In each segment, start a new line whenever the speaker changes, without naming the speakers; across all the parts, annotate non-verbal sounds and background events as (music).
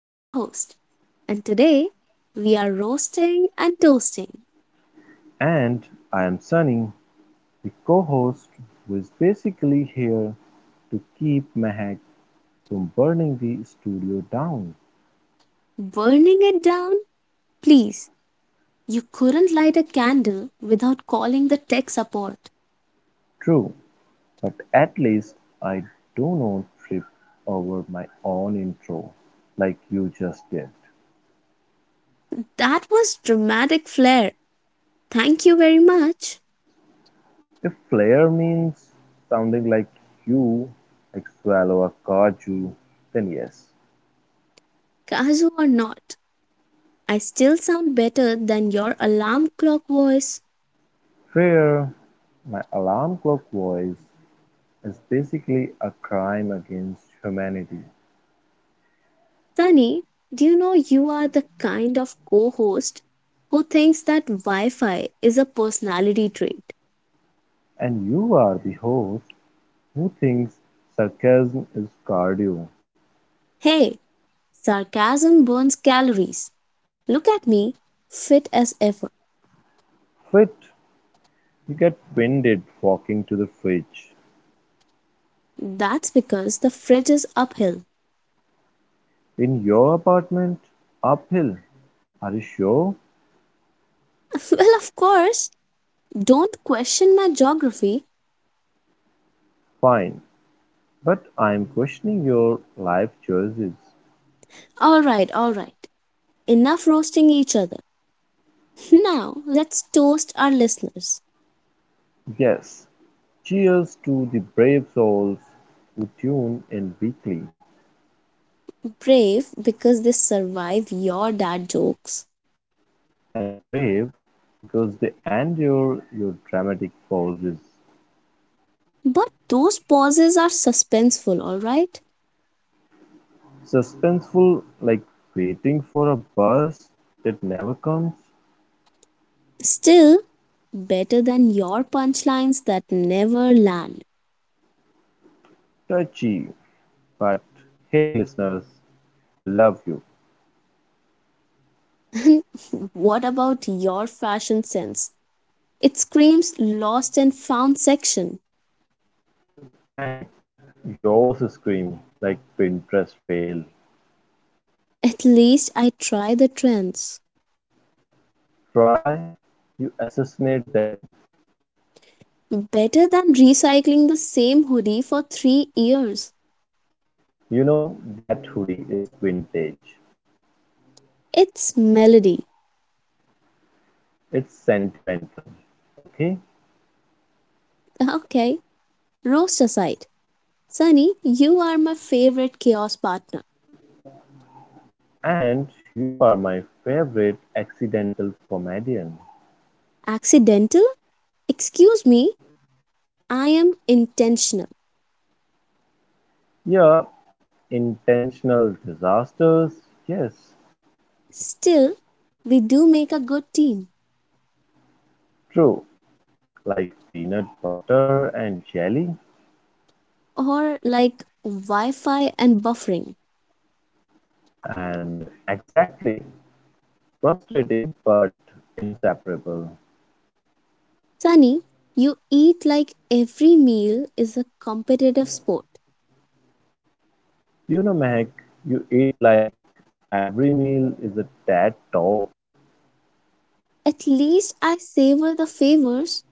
your host, and today we are roasting and toasting,
And I'm Sunny, the co-host, who is basically here to keep Mehak from burning the studio down.
burning it down. Please, you couldn't light a candle without calling the tech support.
True, but at least I do not trip over my own intro like you just did.
That was dramatic flair. Thank you very much.
If flair means sounding like you, like swallow a kaju, then yes.
Kazu or not, I still sound better than your alarm clock voice.
Fair. My alarm clock voice is basically a crime against humanity.
Sunny, do you know you are the kind of co host who thinks that Wi Fi is a personality trait?
And you are the host who thinks sarcasm is cardio.
Hey, sarcasm burns calories. Look at me, fit as ever.
Fit, you get winded walking to the fridge.
That's because the fridge is uphill.
In your apartment? Uphill. Are you sure?
(laughs) Well, of course. Don't question my geography.
Fine. But I'm questioning your life choices.
All right, all right. Enough roasting each other. (laughs) Now, let's toast our listeners.
Yes. Cheers to the brave souls who tune in weekly.
Brave because they survive your dad jokes.
And brave because they endure your dramatic pauses.
But those pauses are suspenseful, all right?
Suspenseful, like waiting for a bus that never comes.
Still, better than your punchlines that never land.
Touchy, but hey listeners, we love you.
(laughs) What about your fashion sense? It screams lost and found section.
Mehak, yours scream like Pinterest fail.
At least I try the trends.
Try, you assassinate them.
Better than recycling the same hoodie for 3 years.
You know that hoodie is vintage.
It's melody.
It's sentimental, okay?
(laughs) Okay, roast aside. Sunny, you are my favorite chaos partner.
And you are my favorite accidental comedian.
Accidental? Excuse me, I am intentional.
Yeah, intentional disasters, yes,
Still, we do make a good team.
true. Like peanut butter and jelly,
Or like Wi Fi and buffering.
and exactly frustrating but inseparable.
Sunny, you eat like every meal is a competitive sport.
You know, Mehak, you eat like every meal is a TED talk.
At least I savor the favors.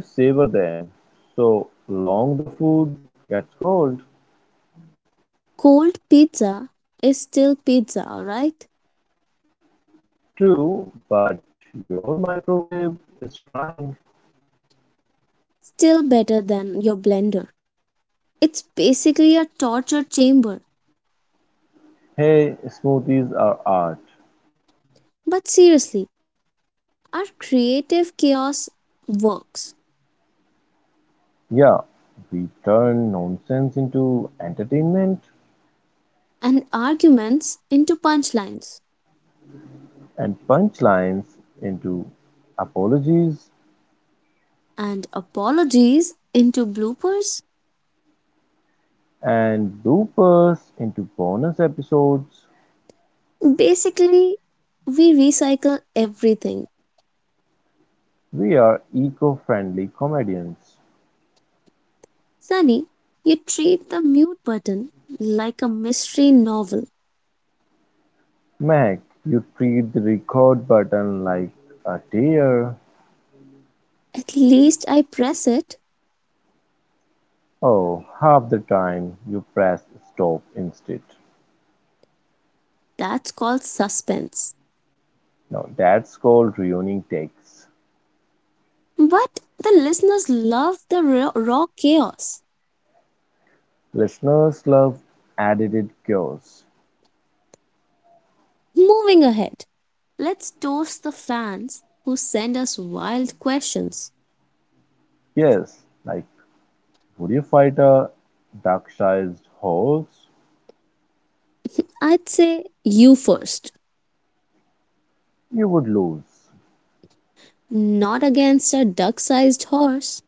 You savor them so long the food gets cold.
Cold pizza is still pizza, alright?
True, but your microwave is trying.
Still better than your blender. It's basically a torture chamber.
Hey, smoothies are art.
But seriously, our creative chaos works,
Yeah, we turn nonsense into entertainment.
and arguments into punchlines,
And punchlines into apologies
and apologies into bloopers.
and bloopers into bonus episodes.
Basically, we recycle everything.
We are eco friendly comedians.
Sunny, you treat the mute button like a mystery novel.
Mac, you treat the record button like a deer.
At least I press it.
Oh, half the time you press stop instead.
That's called suspense.
Now that's called ruining takes.
But the listeners love the raw, raw chaos.
Listeners love edited chaos.
Moving ahead, let's toast the fans who send us wild questions.
Yes, like would you fight a duck-sized horse?
I'd say you first.
You would lose.
Not against a duck sized horse.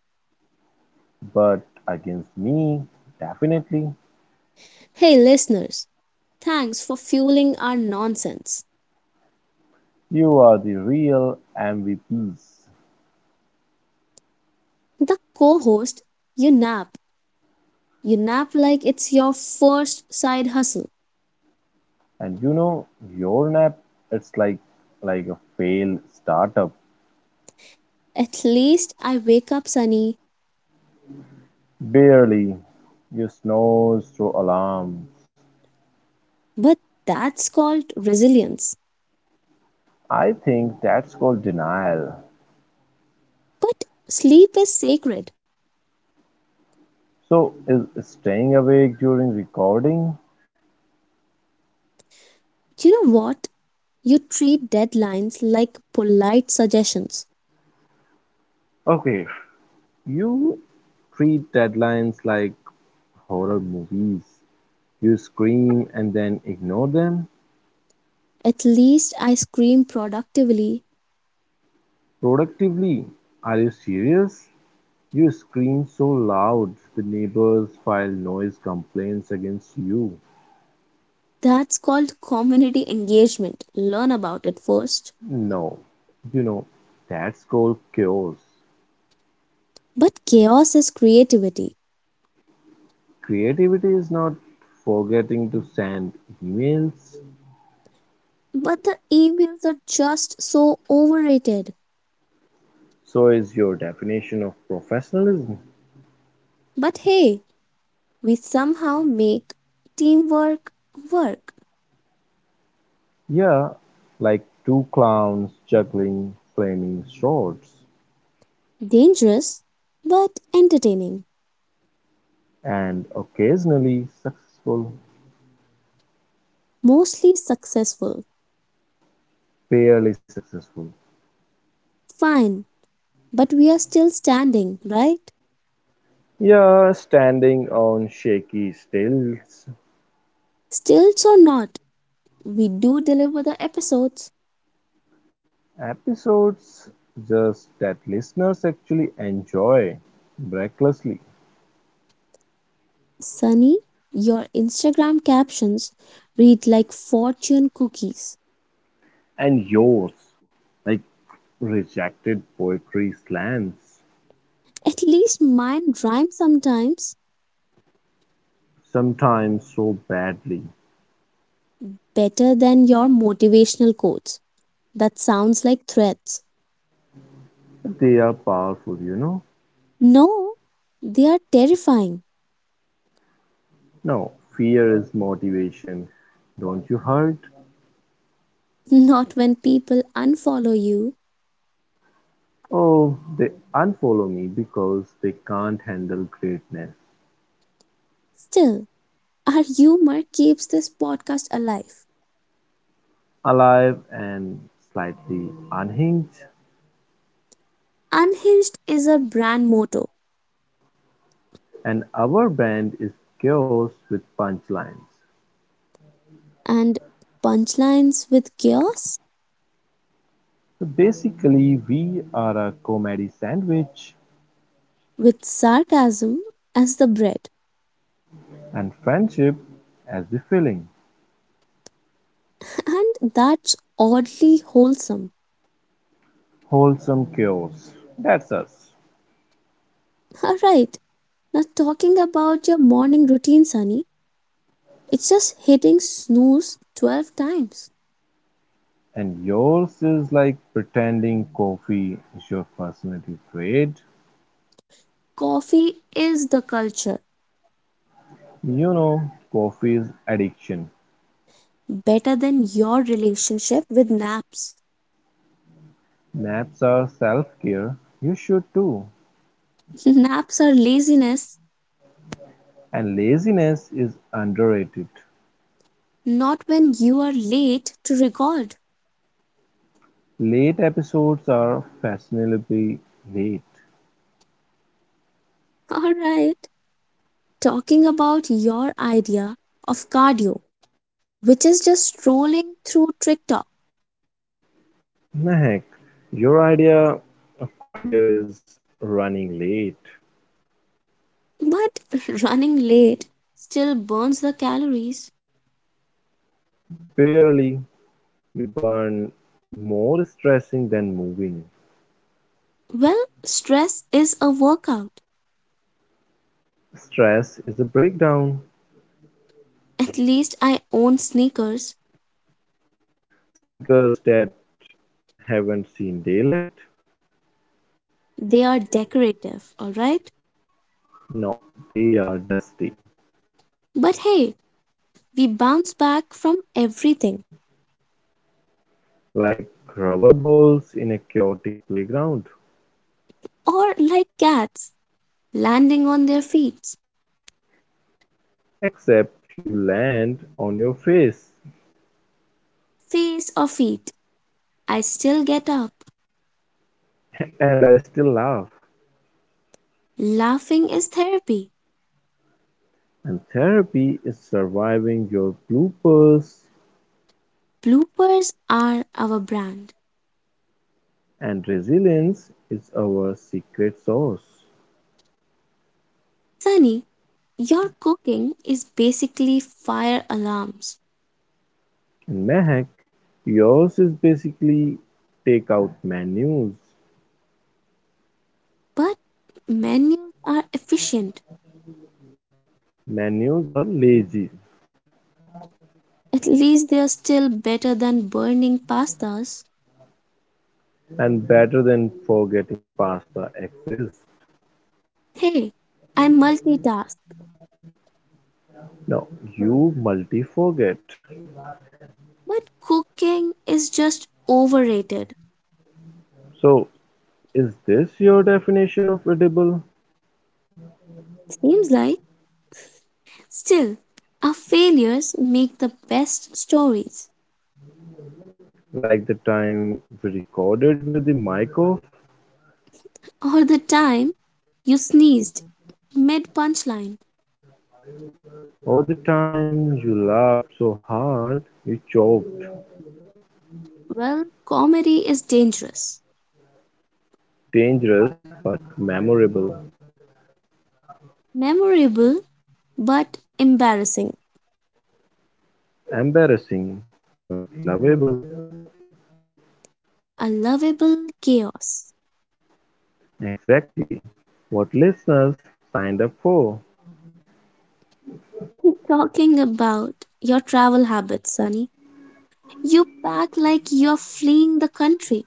But against me, definitely.
Hey, listeners, thanks for fueling our nonsense.
You are the real MVPs.
The co host, you nap You nap like it's your first side hustle.
And your nap, it's like a failed startup.
At least I wake up sunny,
Barely. You snores through alarms.
but that's called resilience.
I think that's called denial.
But sleep is sacred.
So is staying awake during recording?
You know what? You treat deadlines like polite suggestions.
Okay. You treat deadlines like horror movies. You scream and then ignore them.
At least I scream productively.
Productively? Are you serious? You scream so loud the neighbors file noise complaints against you.
That's called community engagement. Learn about it first.
No, you know, that's called chaos.
But chaos is creativity.
Creativity is not forgetting to send emails.
But the emails are just so overrated.
So is your definition of professionalism.
But hey, we somehow make teamwork work.
Yeah, like two clowns juggling flaming swords
Dangerous, but entertaining.
and occasionally successful,
Mostly successful.
barely successful.
Fine, but we are still standing, right?
Yeah, standing on shaky stilts.
Stilts or not, we do deliver the episodes.
Episodes just that listeners actually enjoy recklessly.
Sunny, your Instagram captions read like fortune cookies.
And yours, like rejected poetry slants,
At least mine rhyme sometimes
sometimes so badly.
better than your motivational quotes. That sounds like threats.
They are powerful,
No, they are terrifying.
No, fear is motivation. Don't you hurt?
Not when people unfollow you.
Oh, they unfollow me because they can't handle greatness.
Still, our humor keeps this podcast alive.
Alive and slightly unhinged.
Unhinged is our brand motto,
And our brand is chaos with punchlines.
and punchlines with chaos,
So basically, we are a comedy sandwich
with sarcasm as the bread.
and friendship as the filling.
(laughs) And that's oddly wholesome.
Wholesome chaos. That's us.
(laughs) All right, now talking about your morning routine, Sunny, it's just hitting snooze 12 times.
And yours is like pretending coffee is your personality trait.
Coffee is the culture,
You know, coffee is addiction.
better than your relationship with naps.
Naps are self care. You should too.
Naps are laziness,
And laziness is underrated.
not when you are late to record.
Late episodes are fashionably late.
(laughs) All right. Talking about your idea of cardio, which is just strolling through TikTok,
Mehak, your idea of cardio is running late.
but (laughs) running late still burns the calories.
Barely. You burn more stressing than moving.
Well, stress is a workout.
Stress is a breakdown.
At least I own sneakers.
Sneakers that haven't seen daylight?
They are decorative, all right?
No, they are dusty.
But hey, we bounce back from everything.
Like rubber balls in a chaotic playground.
Or like cats, landing on their feet.
Except you land on your face.
Face or feet, I still get up.
And I still laugh.
Laughing is therapy.
And therapy is surviving your bloopers.
Bloopers are our brand.
And resilience is our secret sauce.
Sunny, your cooking is basically fire alarms,
In Mahak, yours is basically takeout menus.
but menus are efficient.
Menus are lazy
At least they're still better than burning pastas.
and better than forgetting pasta exists.
Hey, I multitask,
Now you multi forget.
but cooking is just overrated.
So is this your definition of edible?
Seems like. Still, our failures make the best stories.
Like the time we recorded with the mic off?
Or the time you sneezed mid punchline.
Or the time you laughed so hard you choked?
Well, comedy is dangerous,
Dangerous but memorable.
memorable but embarrassing,
Embarrassing, but lovable.
a lovable chaos.
Exactly what listeners signed up for.
(laughs) Talking about your travel habits, Sunny, you pack like you're fleeing the country.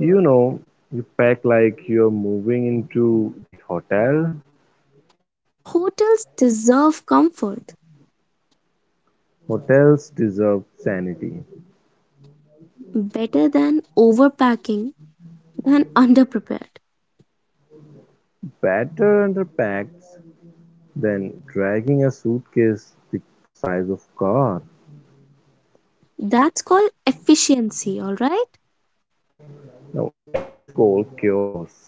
You know, you pack like you're moving into the hotel.
Hotels deserve comfort
Hotels deserve sanity.
better than overpacking than (laughs) underprepared.
Better underpacks than dragging a suitcase the size of a car.
That's called efficiency, all right?
Now that's called chaos.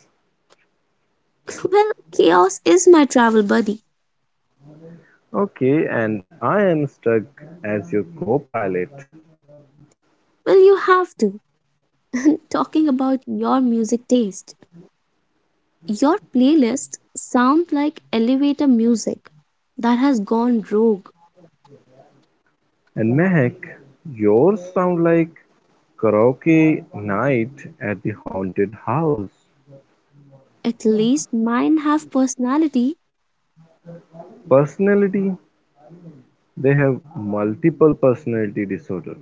(laughs) Well, chaos is my travel buddy.
Okay, and I am stuck as your co-pilot.
Well, you have to. Talking about your music taste. Your playlist sound like elevator music that has gone rogue.
And Mehak, yours sound like karaoke night at the haunted house.
At least mine have personality.
Personality, they have multiple personality disorder.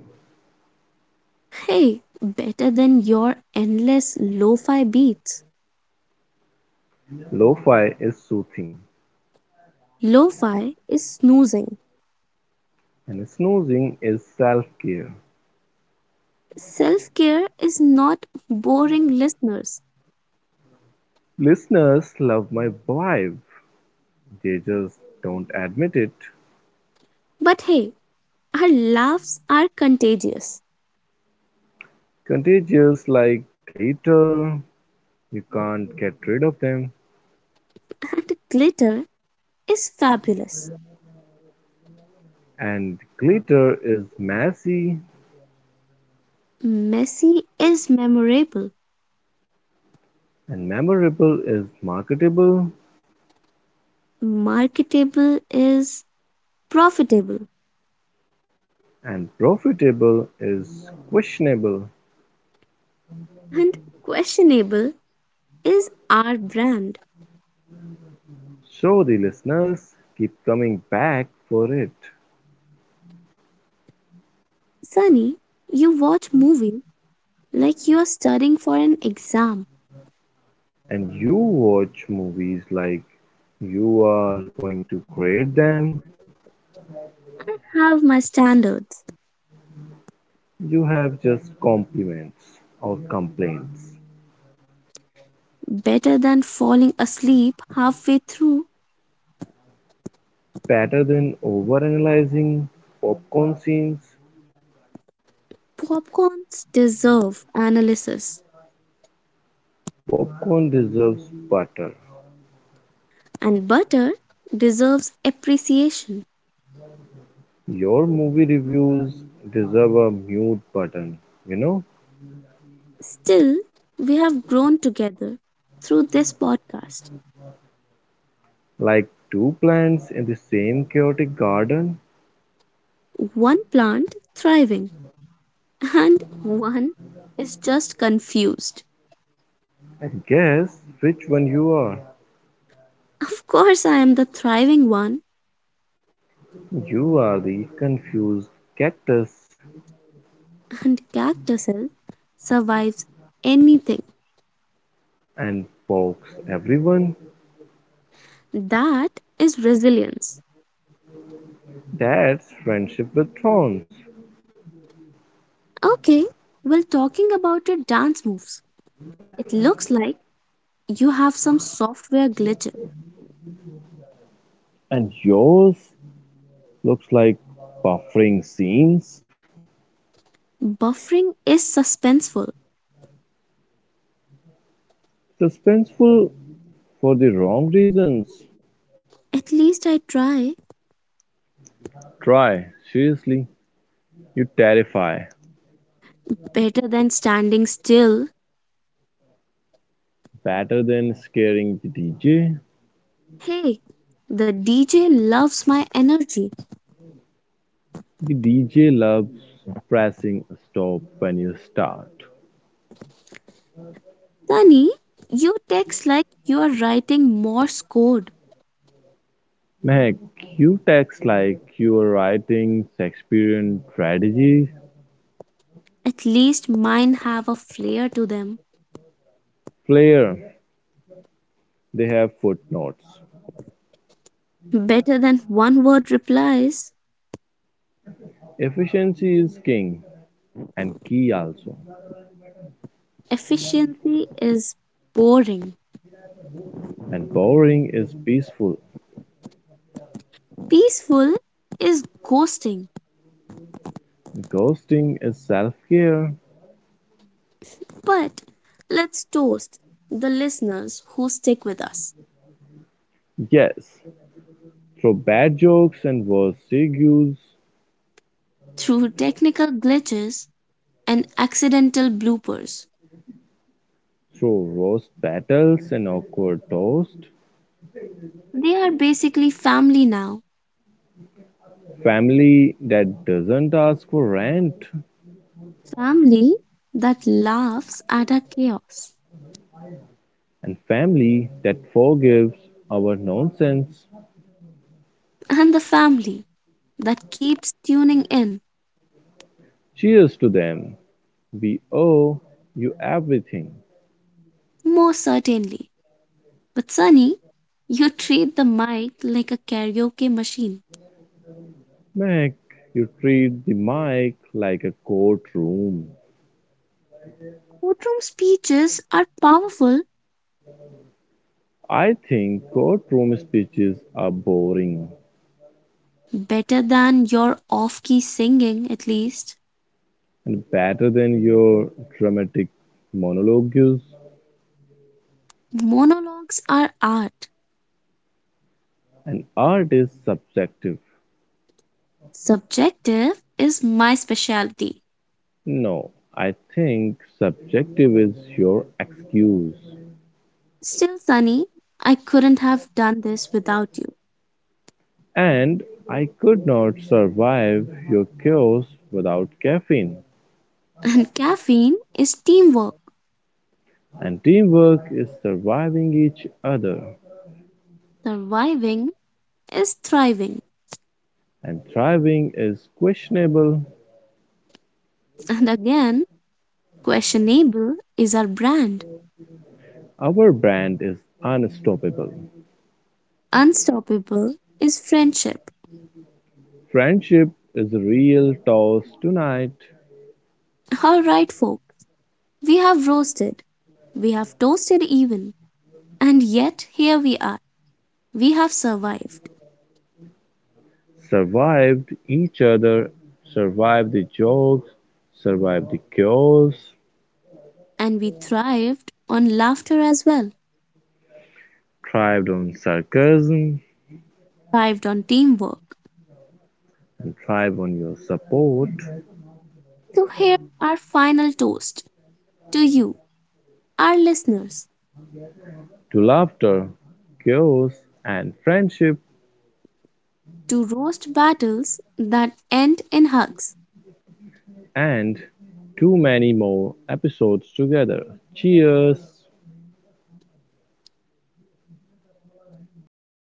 Hey, better than your endless lo-fi beats.
Lo-fi is soothing
Lo-fi is snoozing.
and snoozing is self-care.
Self-care is not boring listeners.
Listeners love my vibe. They just don't admit it.
But hey, our laughs are contagious.
Contagious like glitter, you can't get rid of them.
(laughs) And glitter is fabulous.
And glitter is messy
Messy is memorable.
and memorable is marketable.
Marketable is profitable,
And profitable is questionable,
and questionable is our brand.
so the listeners keep coming back for it.
Sunny, you watch movie like you are studying for an exam.
And you watch movies like you are going to grade them.
Have my standards.
You have just compliments or complaints.
Better than falling asleep halfway through.
Better than overanalyzing popcorn scenes,
Popcorns deserve analysis,
popcorn deserves butter.
and butter deserves appreciation.
Your movie reviews deserve a mute button, you know,
Still, we have grown together through this podcast.
like two plants in the same chaotic garden.
One plant thriving, and one is just confused.
Guess which one you are?
Of course, I am the thriving one,
You are the confused cactus
and cactuses survives anything.
and pokes everyone.
That is resilience.
That's friendship with thorns.
Okay, well, talking about your dance moves, it looks like you have some software glitches.
And yours looks like buffering scenes.
Buffering is suspenseful.
Suspenseful for the wrong reasons.
At least I try.
Try, seriously. You terrify.
Better than standing still.
Better than scaring the DJ.
Hey, the DJ loves my energy.
The DJ loves pressing a stop when you start.
Sunny, you text like you are writing Morse code.
Meg, you text like you're writing Shakespearean tragedies.
At least mine have a flair to them.
Flair, they have footnotes.
Better than one word replies.
Efficiency is king and key also.
Efficiency is boring.
And boring is peaceful.
Peaceful is ghosting.
Ghosting is self care.
But let's toast the listeners who stick with us
Yes, throw bad jokes and worse segues,
through technical glitches and accidental bloopers.
throw roast battles and awkward toast.
They are basically family now.
Family that doesn't ask for rent,
Family that laughs at our chaos.
and family that forgives our nonsense.
And the family that keeps tuning in,
Cheers to them. We owe you everything.
most certainly. But Sunny, you treat the mic like a karaoke machine.
Mac, you treat the mic like a courtroom.
Courtroom speeches are powerful,
I think courtroom speeches are boring
better than your off key singing, at least.
and better than your dramatic monologues.
Monologues are art.
And art is subjective.
Subjective is my specialty.
No, I think subjective is your excuse.
Still, Sunny, I couldn't have done this without you.
And I could not survive your chaos without caffeine.
And caffeine is teamwork.
And teamwork is surviving each other
Surviving is thriving.
and thriving is questionable.
And again, questionable is our brand.
Our brand is unstoppable.
Unstoppable is friendship.
Friendship is a real toss tonight.
All right, folks, we have roasted, we have toasted even, and yet here we are. We have survived,
Survived each other, survived the jokes, survived the chaos,
and we thrived on laughter as well,
thrived on sarcasm,
thrived on teamwork.
and thrive on your support.
So, here our final toast to you, our listeners,
To laughter, chaos, and friendship,
to roast battles that end in hugs.
and too many more episodes together. Cheers!